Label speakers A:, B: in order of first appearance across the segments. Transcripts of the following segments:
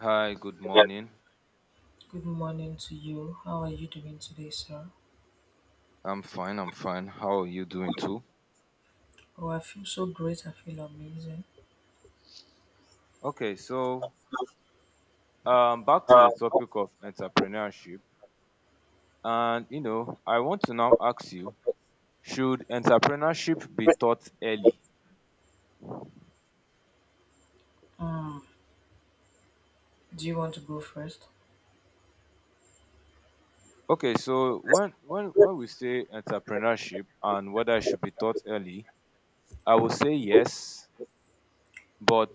A: Hi, good morning. I'm fine. How are you doing too? Okay, so back to the topic of entrepreneurship. And you know, I want to now ask you, should entrepreneurship be taught early? Okay, so when we say entrepreneurship and whether it should be taught early, I would say yes, but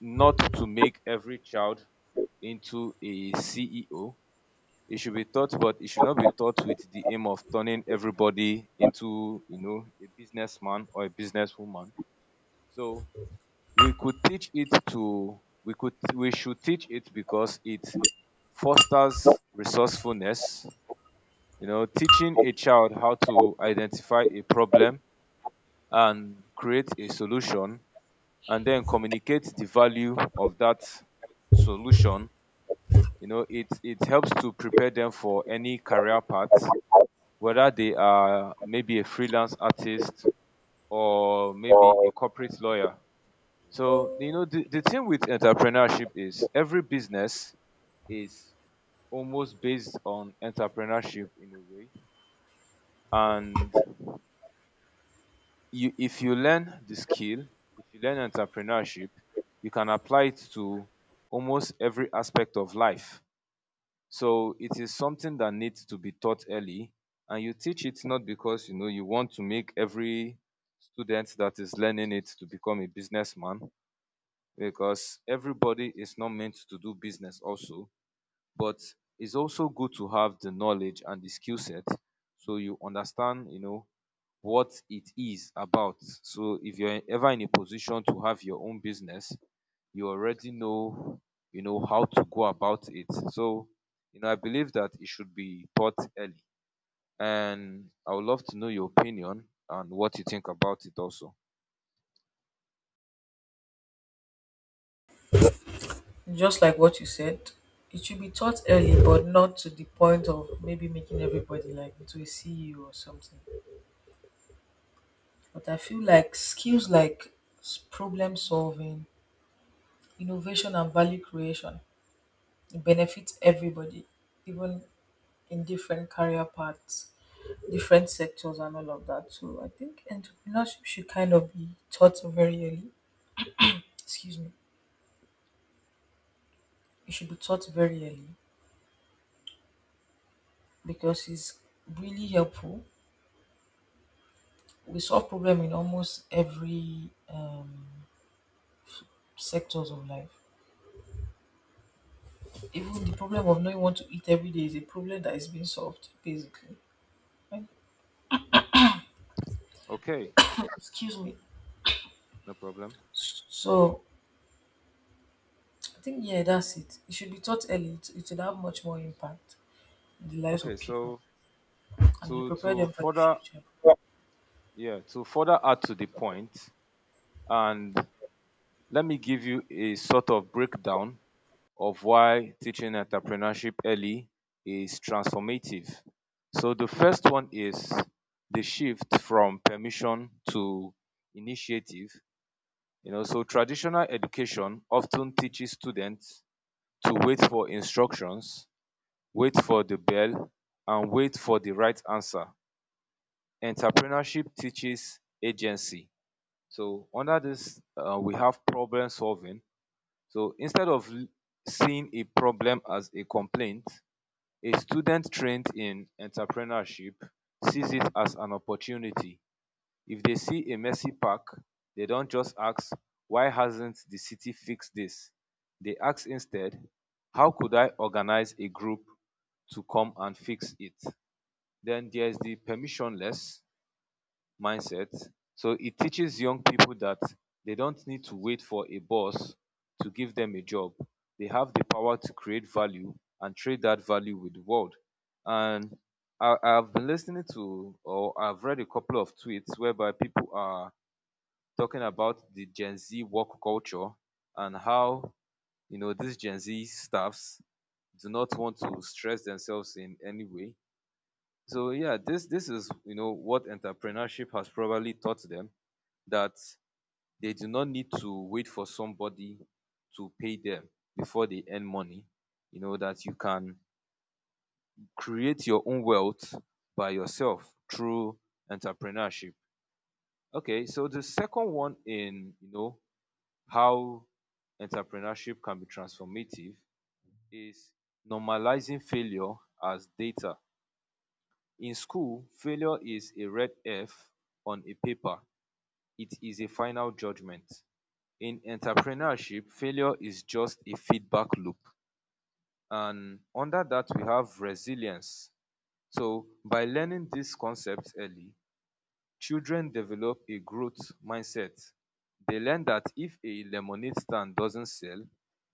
A: not to make every child into a CEO. It should be taught, but it should not be taught with the aim of turning everybody into, you know, a businessman or a businesswoman. So we could, we should teach it because it fosters resourcefulness. You know, teaching a child how to identify a problem and create a solution and then communicate the value of that solution. You know, it helps to prepare them for any career path whether they are maybe a freelance artist or
B: and
A: maybe a
B: uh,
A: corporate lawyer. So, you know, the thing with entrepreneurship is every business is almost based on entrepreneurship in a way. And you, if you learn the skill, if you learn entrepreneurship, you can apply it to almost every aspect of life. So it is something that needs to be taught early, and you teach it not because you know you want to make every student that is learning it to become a businessman, because everybody is not meant to do business also, but it's also good to have the knowledge and the skill set so you understand, you know, what it is about. So if you're ever in a position to have your own business, you already know, you know, how to go about it. So, you know, I believe that it should be taught early. And I would love to know your opinion and what you think about it also. Okay, no problem. Okay, so to further yeah, to further add to the point, and let me give you a sort of breakdown of why teaching entrepreneurship early is transformative. So the first one is the shift from permission to initiative. You know, so traditional education often teaches students to wait for instructions, wait for the bell, and wait for the right answer. Entrepreneurship teaches agency. So under this, we have problem solving. So seeing a problem as a complaint, a student trained in entrepreneurship sees it as an opportunity. If they see a messy park, they don't just ask, why hasn't the city fixed this? They ask instead, how could I organize a group to come and fix it? Then there's the permissionless mindset. So it teaches young people that they don't need to wait for a boss to give them a job. They have the power to create value and trade that value with the world. And I've been listening to, or I've read a couple of tweets whereby people are talking about the Gen Z work culture and how, you know, these Gen Z staffs do not want to stress themselves in any way. So yeah, this is you know what entrepreneurship has probably taught them that they do not need to wait for somebody to pay them before they earn money. You know, that you can create your own wealth by yourself through entrepreneurship. Okay, so the second one in, you know, how entrepreneurship can be transformative is normalizing failure as data. In school, failure is a red F on a paper. It is a final judgment. In entrepreneurship, failure is just a feedback loop. And under that, we have resilience. So, by learning these concepts early, children develop a growth mindset. They learn that if a lemonade stand doesn't sell,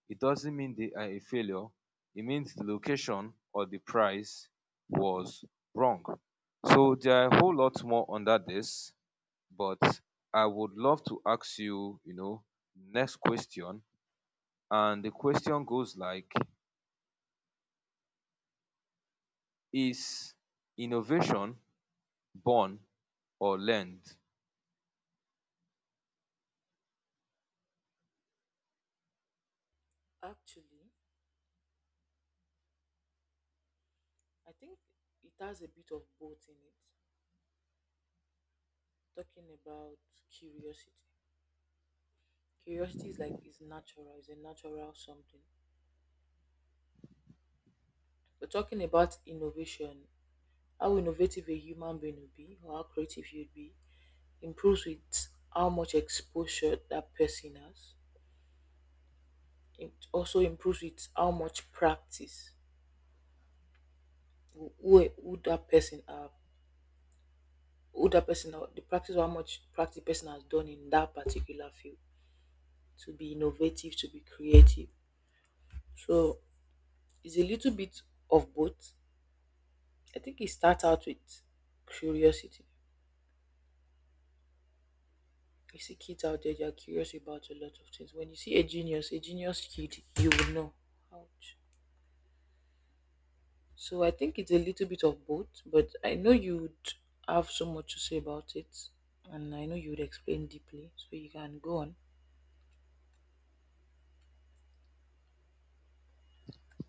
A: it doesn't mean they are a failure. It means the location or the price was wrong. So, there are a whole lot more under this, but I would love to ask you, you know, next question and the question goes like, is innovation born or learned?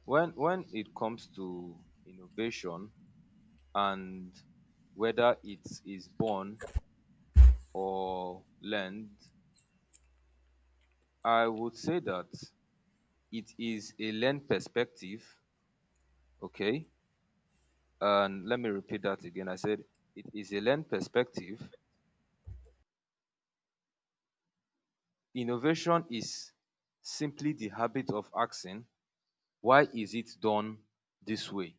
A: When it comes to innovation and whether it is born or learned, I would say that it is a learned perspective, okay? And let me repeat that again. I said it is a learned perspective. Innovation is simply the habit of asking, why is it done this way?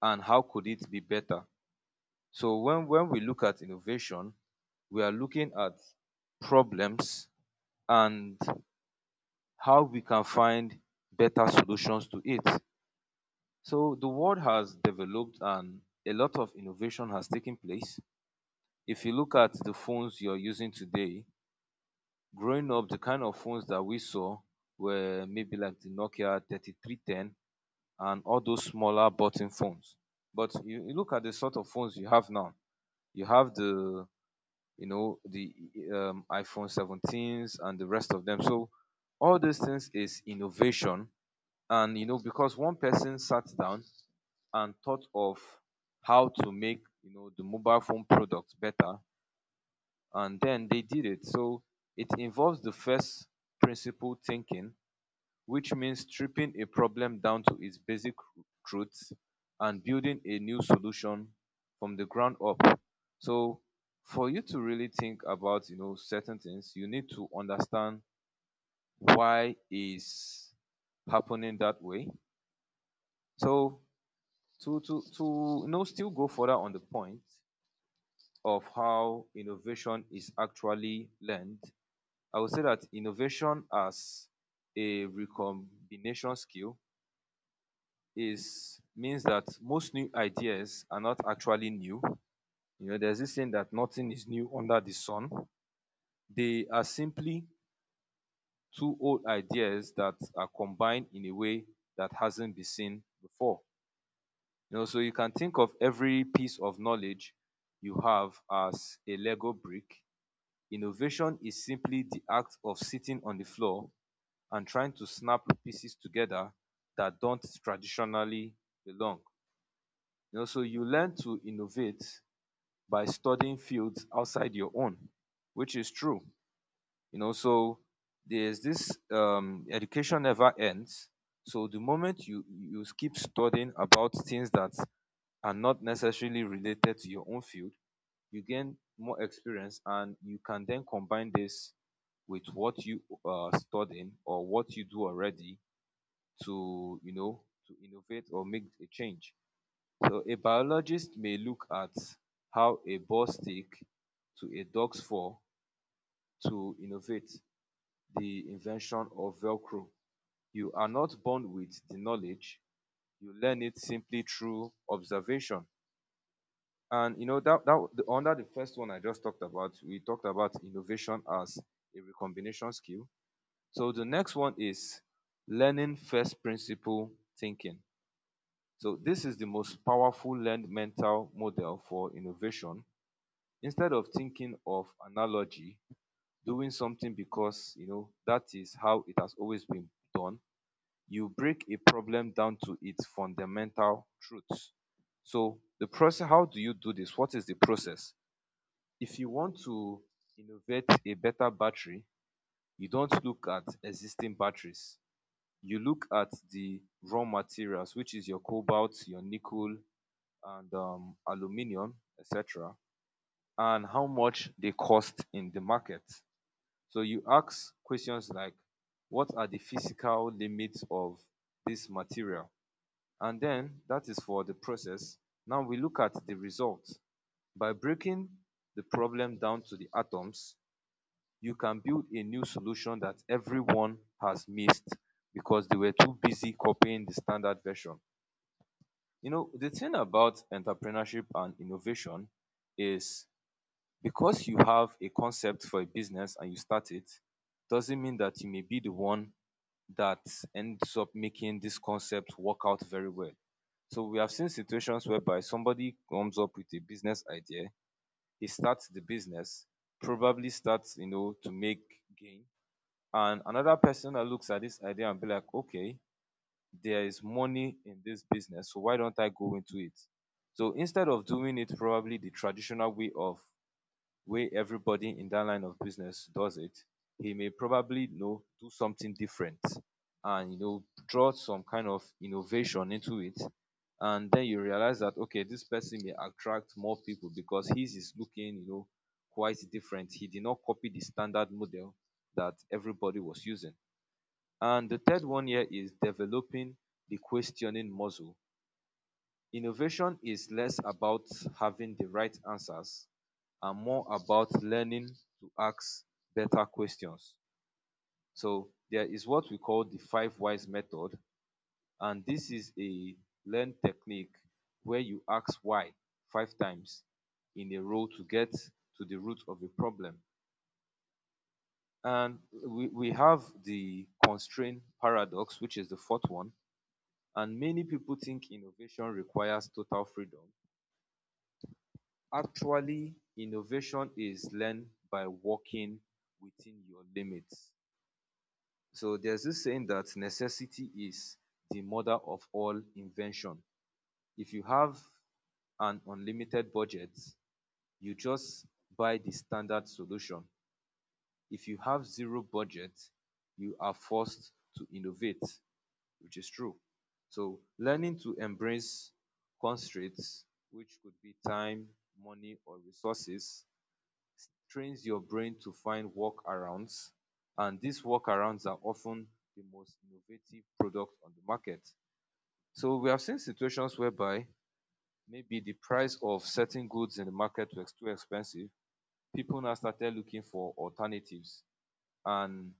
A: And how could it be better? So when we look at innovation, we are looking at problems and how we can find better solutions to it. So the world has developed and a lot of innovation has taken place. If you look at the phones you're using today, growing up, the kind of phones that we saw were maybe like the Nokia 3310 and all those smaller button phones. But you look at the sort of phones you have now. You have the you know, the iPhone 17s and the rest of them. So all these things is innovation. And, you know, because one person sat down and thought of how to make, you know, the mobile phone products better, and then they did it. So it involves the first principle thinking which means stripping a problem down to its basic truths and building a new solution from the ground up. So for you to really think about, you know, certain things, you need to understand why is happening that way. So to you know still go further on the point of how innovation is actually learned, I would say that innovation as a recombination skill is means that most new ideas are not actually new. You know, there's this saying that nothing is new under the sun. They are simply two old ideas that are combined in a way that hasn't been seen before. You know, so you can think of every piece of knowledge you have as a Lego brick. Innovation is simply the act of sitting on the floor and trying to snap pieces together that don't traditionally belong. You know, so you learn to innovate by studying fields outside your own, which is true. You know, so there's this education never ends. So the moment you keep studying about things that are not necessarily related to your own field, you gain more experience and you can then combine this with what you are studying or what you do already to you know to innovate or make a change so a biologist may look at how a ball stick to a dog's paw to innovate the invention of Velcro. You are not born with the knowledge. You learn it simply through observation. And you know under the first one I just talked about, we talked about innovation as a recombination skill. So the next one is learning first principle thinking. So this is the most powerful learned mental model for innovation instead of thinking of analogy, doing something because you know that is how it has always been done, you break a problem down to its fundamental truths. So the process, how do you do this? What is the process? If you want to innovate a better battery, you don't look at existing batteries. You look at the raw materials, which is your cobalt, your nickel, and aluminium, etc., and how much they cost in the market. So you ask questions like, what are the physical limits of this material? And then that is for the process. Now we look at the result. By breaking the problem down to the atoms, you can build a new solution that everyone has missed because they were too busy copying the standard version. You know, the thing about entrepreneurship and innovation is because you have a concept for a business and you start it, doesn't mean that you may be the one that ends up making this concept work out very well. So we have seen situations whereby somebody comes up with a business idea, he starts the business, probably starts, you know, to make gain. And another person that looks at this idea and be like, okay, there is money in this business, so why don't I go into it? So instead of doing it probably the traditional way of way everybody in that line of business does it, he may probably you know do something different and you know draw some kind of innovation into it. And then you realize that okay, this person may attract more people because his is looking, you know, quite different. He did not copy the standard model that everybody was using. And the third one here is developing the questioning muscle. Innovation is less about having the right answers are more about learning to ask better questions. So there is what we call the five whys method, and this is a learn technique where you ask why five times in a row to get to the root of a problem. And we have the constraint paradox, which is the fourth one. And many people think innovation requires total freedom. Actually, innovation is learned by working within your limits. So there's this saying that necessity is the mother of all invention. If you have an unlimited budget, you just buy the standard solution. If you have zero budget, you are forced to innovate, which is true. So learning to embrace constraints, which could be time, money, or resources, trains your brain to find workarounds, and these workarounds are often the most innovative product on the market. So we have seen situations whereby maybe the price of certain goods in the market was too expensive. People now started looking for alternatives, and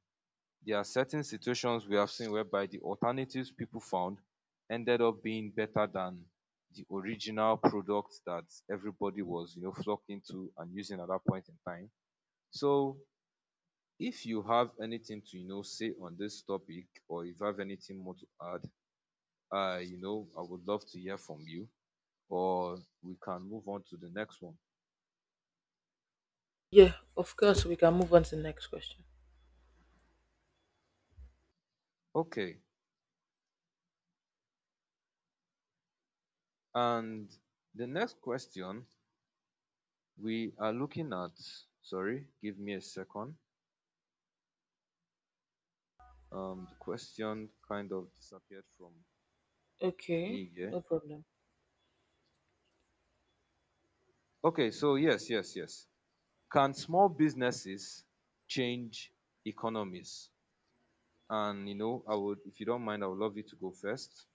A: there are certain situations we have seen whereby the alternatives people found ended up being better than the original product that everybody was, flocking to and using at that point in time. So if you have anything to say on this topic, or if you have anything more to add, I you know I would love to hear from you, or we can move on to the next one. Okay. And the next question we are looking at, sorry, give me a second. The question kind of disappeared from me here. Okay, so yes, can small businesses change economies? And I would, if you don't mind, I would love you to go first,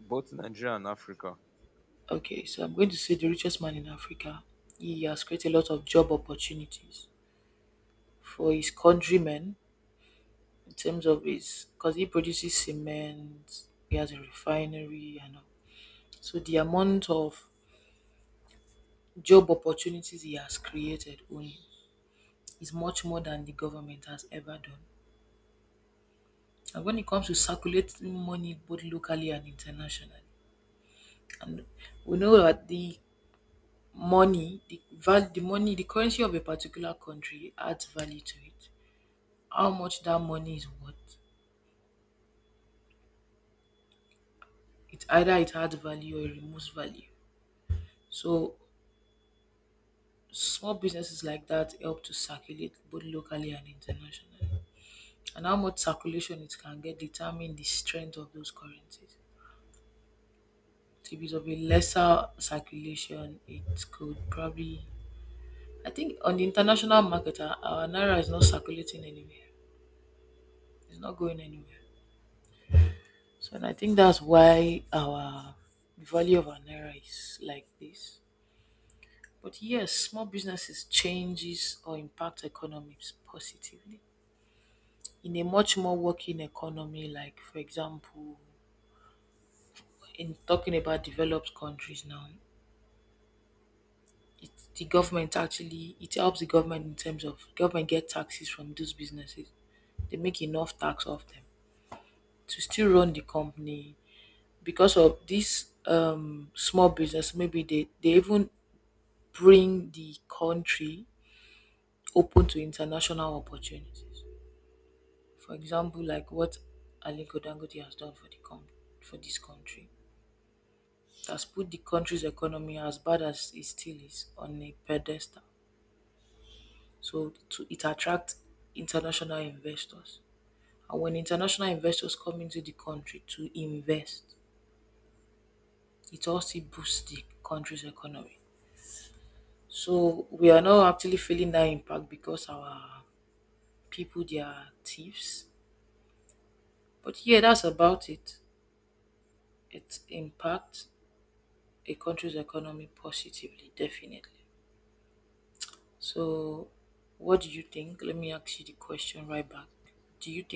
A: both in Nigeria and Africa.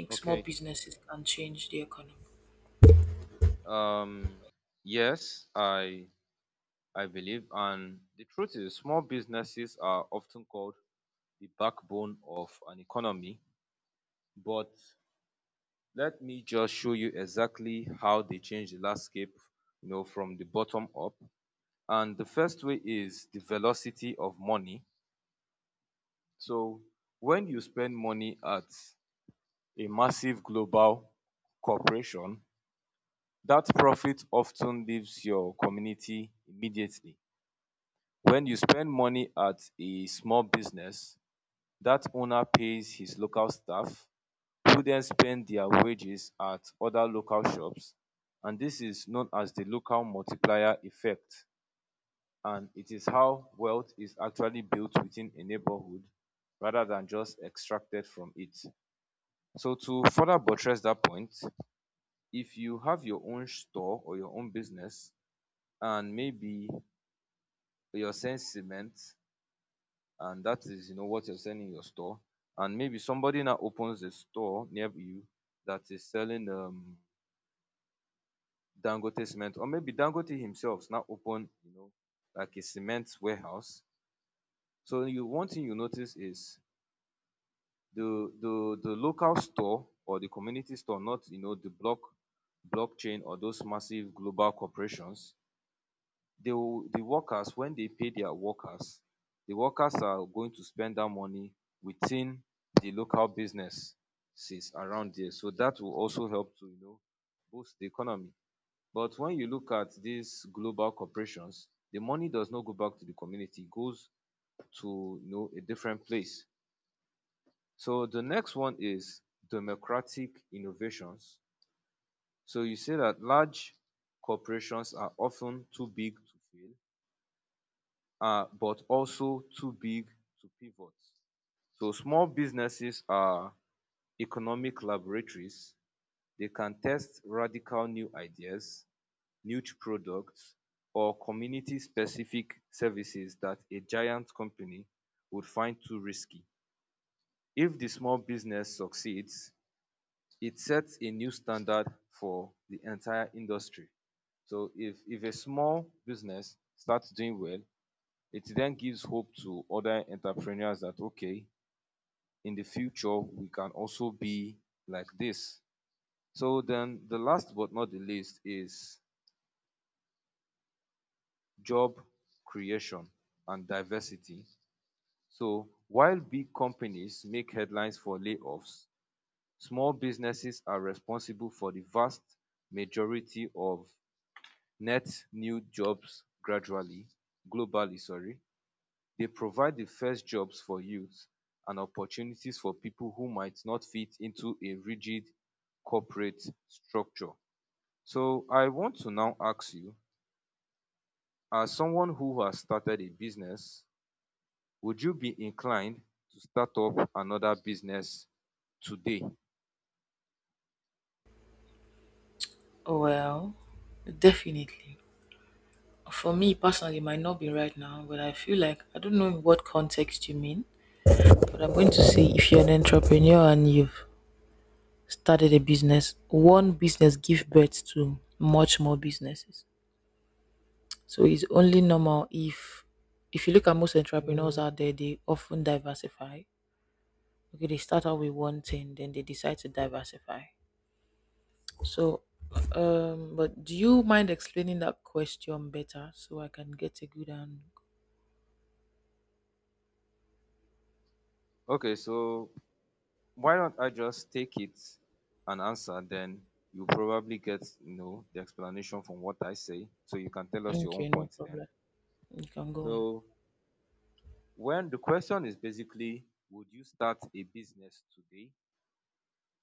A: Okay. Um yes, I believe, and the truth is, small businesses are often called the backbone of an economy, but let me just show you exactly how they change the landscape, from the bottom up. And the first way is the velocity of money. So when you spend money at a massive global corporation, that profit often leaves your community immediately. When you spend money at a small business, that owner pays his local staff, who then spend their wages at other local shops, and this is known as the local multiplier effect, and it is how wealth is actually built within a neighborhood rather than just extracted from it. So to further buttress that point, if you have your own store or your own business and maybe you're selling cement, and that is what you're selling in your store, and maybe somebody now opens a store near you that is selling Dangote cement, or maybe Dangote himself now open, like a cement warehouse. So you one thing you notice is the local store or the community store, not the blockchain or those massive global corporations. The workers, when they pay their workers, the workers are going to spend that money within the local businesses around there. So that will also help to boost the economy. But when you look at these global corporations, the money does not go back to the community, it goes to a different place. So the next one is democratic innovations. So you say that large corporations are often too big to fail, but also too big to pivot. So small businesses are economic laboratories. They can test radical new ideas, niche products, or community specific services that a giant company would find too risky. If the small business succeeds, it sets a new standard for the entire industry. So if a small business starts doing well, it then gives hope to other entrepreneurs that okay, in the future we can also be like this. So then the last but not the least is job creation and diversity. So while big companies make headlines for layoffs, small businesses are responsible for the vast majority of net new jobs gradually, globally, sorry. They provide the first jobs for youth and opportunities for people who might not fit into a rigid corporate structure. So I want to now ask you, as someone who has started a business, would you be inclined to start up another business today? Okay, so why don't I just take it and answer, then you probably get the explanation from what I say, so you can tell us your own points then. So well, the question is basically, would you start a business today?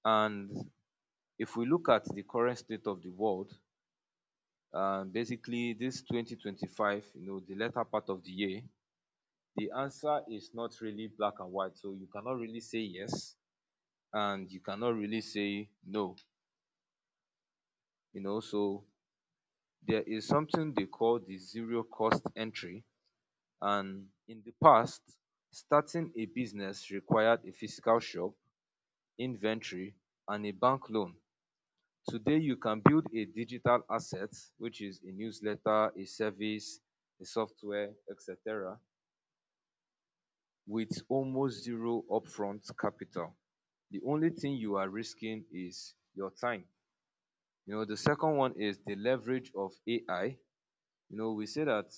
A: And if we look at the current state of the world, basically this 2025, the latter part of the year, the answer is not really black and white. So you cannot really say yes and you cannot really say no. So there is something they call the zero cost entry. And in the past, starting a business required a physical shop, inventory, and a bank loan. Today you can build a digital asset, which is a newsletter, a service, a software, etc., with almost zero upfront capital. The only thing you are risking is your time. The second one is the leverage of AI. We say that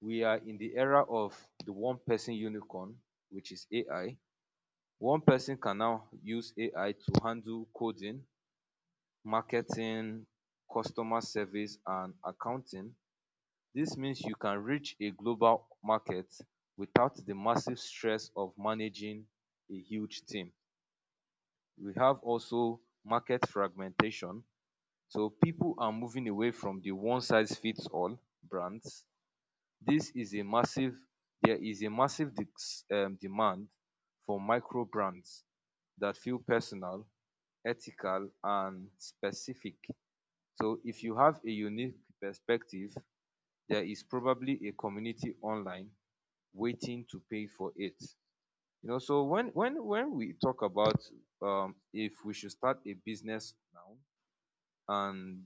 A: we are in the era of the one person unicorn, which is AI. One person can now use AI to handle coding, marketing, customer service, and accounting. This means you can reach a global market without the massive stress of managing a huge team. We have also market fragmentation. So people are moving away from the one size fits all brands. This is a massive, there is a massive demand for micro brands that feel personal, ethical and specific. So if you have a unique perspective, there is probably a community online waiting to pay for it. So when we talk about if we should start a business now, and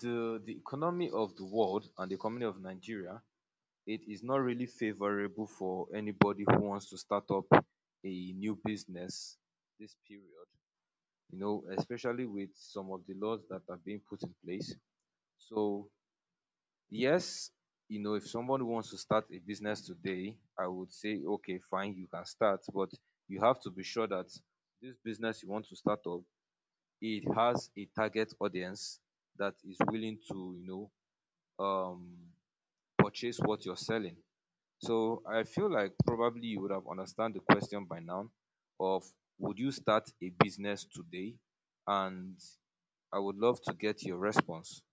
A: the economy of the world and the economy of Nigeria, it is not really favorable for anybody who wants to start up a new business this period. Especially with some of the laws that are being put in place. So yes, if someone wants to start a business today, I would say, okay, fine, you can start, but you have to be sure that this business you want to start up, it has a target audience that is willing to, know, um, purchase what you're selling. So I feel like probably you would have understand the question by now of would you start a business today? And I would love to get your response.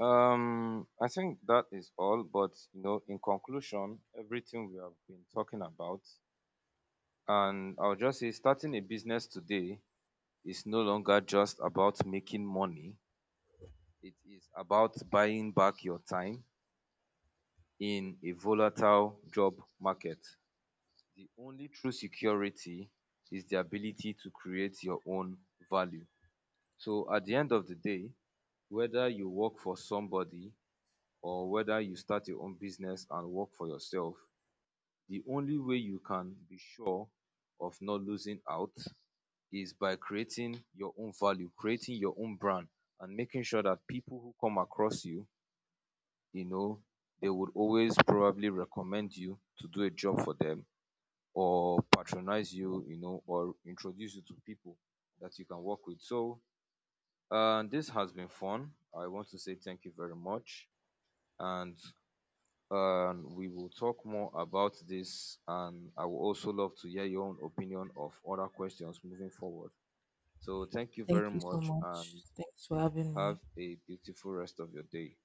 A: I think that is all, but in conclusion, everything we have been talking about, and I'll just say starting a business today is no longer just about making money, it is about buying back your time in a volatile job market. The only true security is the ability to create your own value. So at the end of the day, whether you work for somebody or whether you start your own business and work for yourself, the only way you can be sure of not losing out is by creating your own value, creating your own brand, and making sure that people who come across you, you know, they would always probably recommend you to do a job for them or patronize you, or introduce you to people that you can work with. So, this has been fun. I want to say thank you very much. And we will talk more about this. And I would also love to hear your own opinion of other questions moving forward. So thank you very much and have a beautiful rest of your day.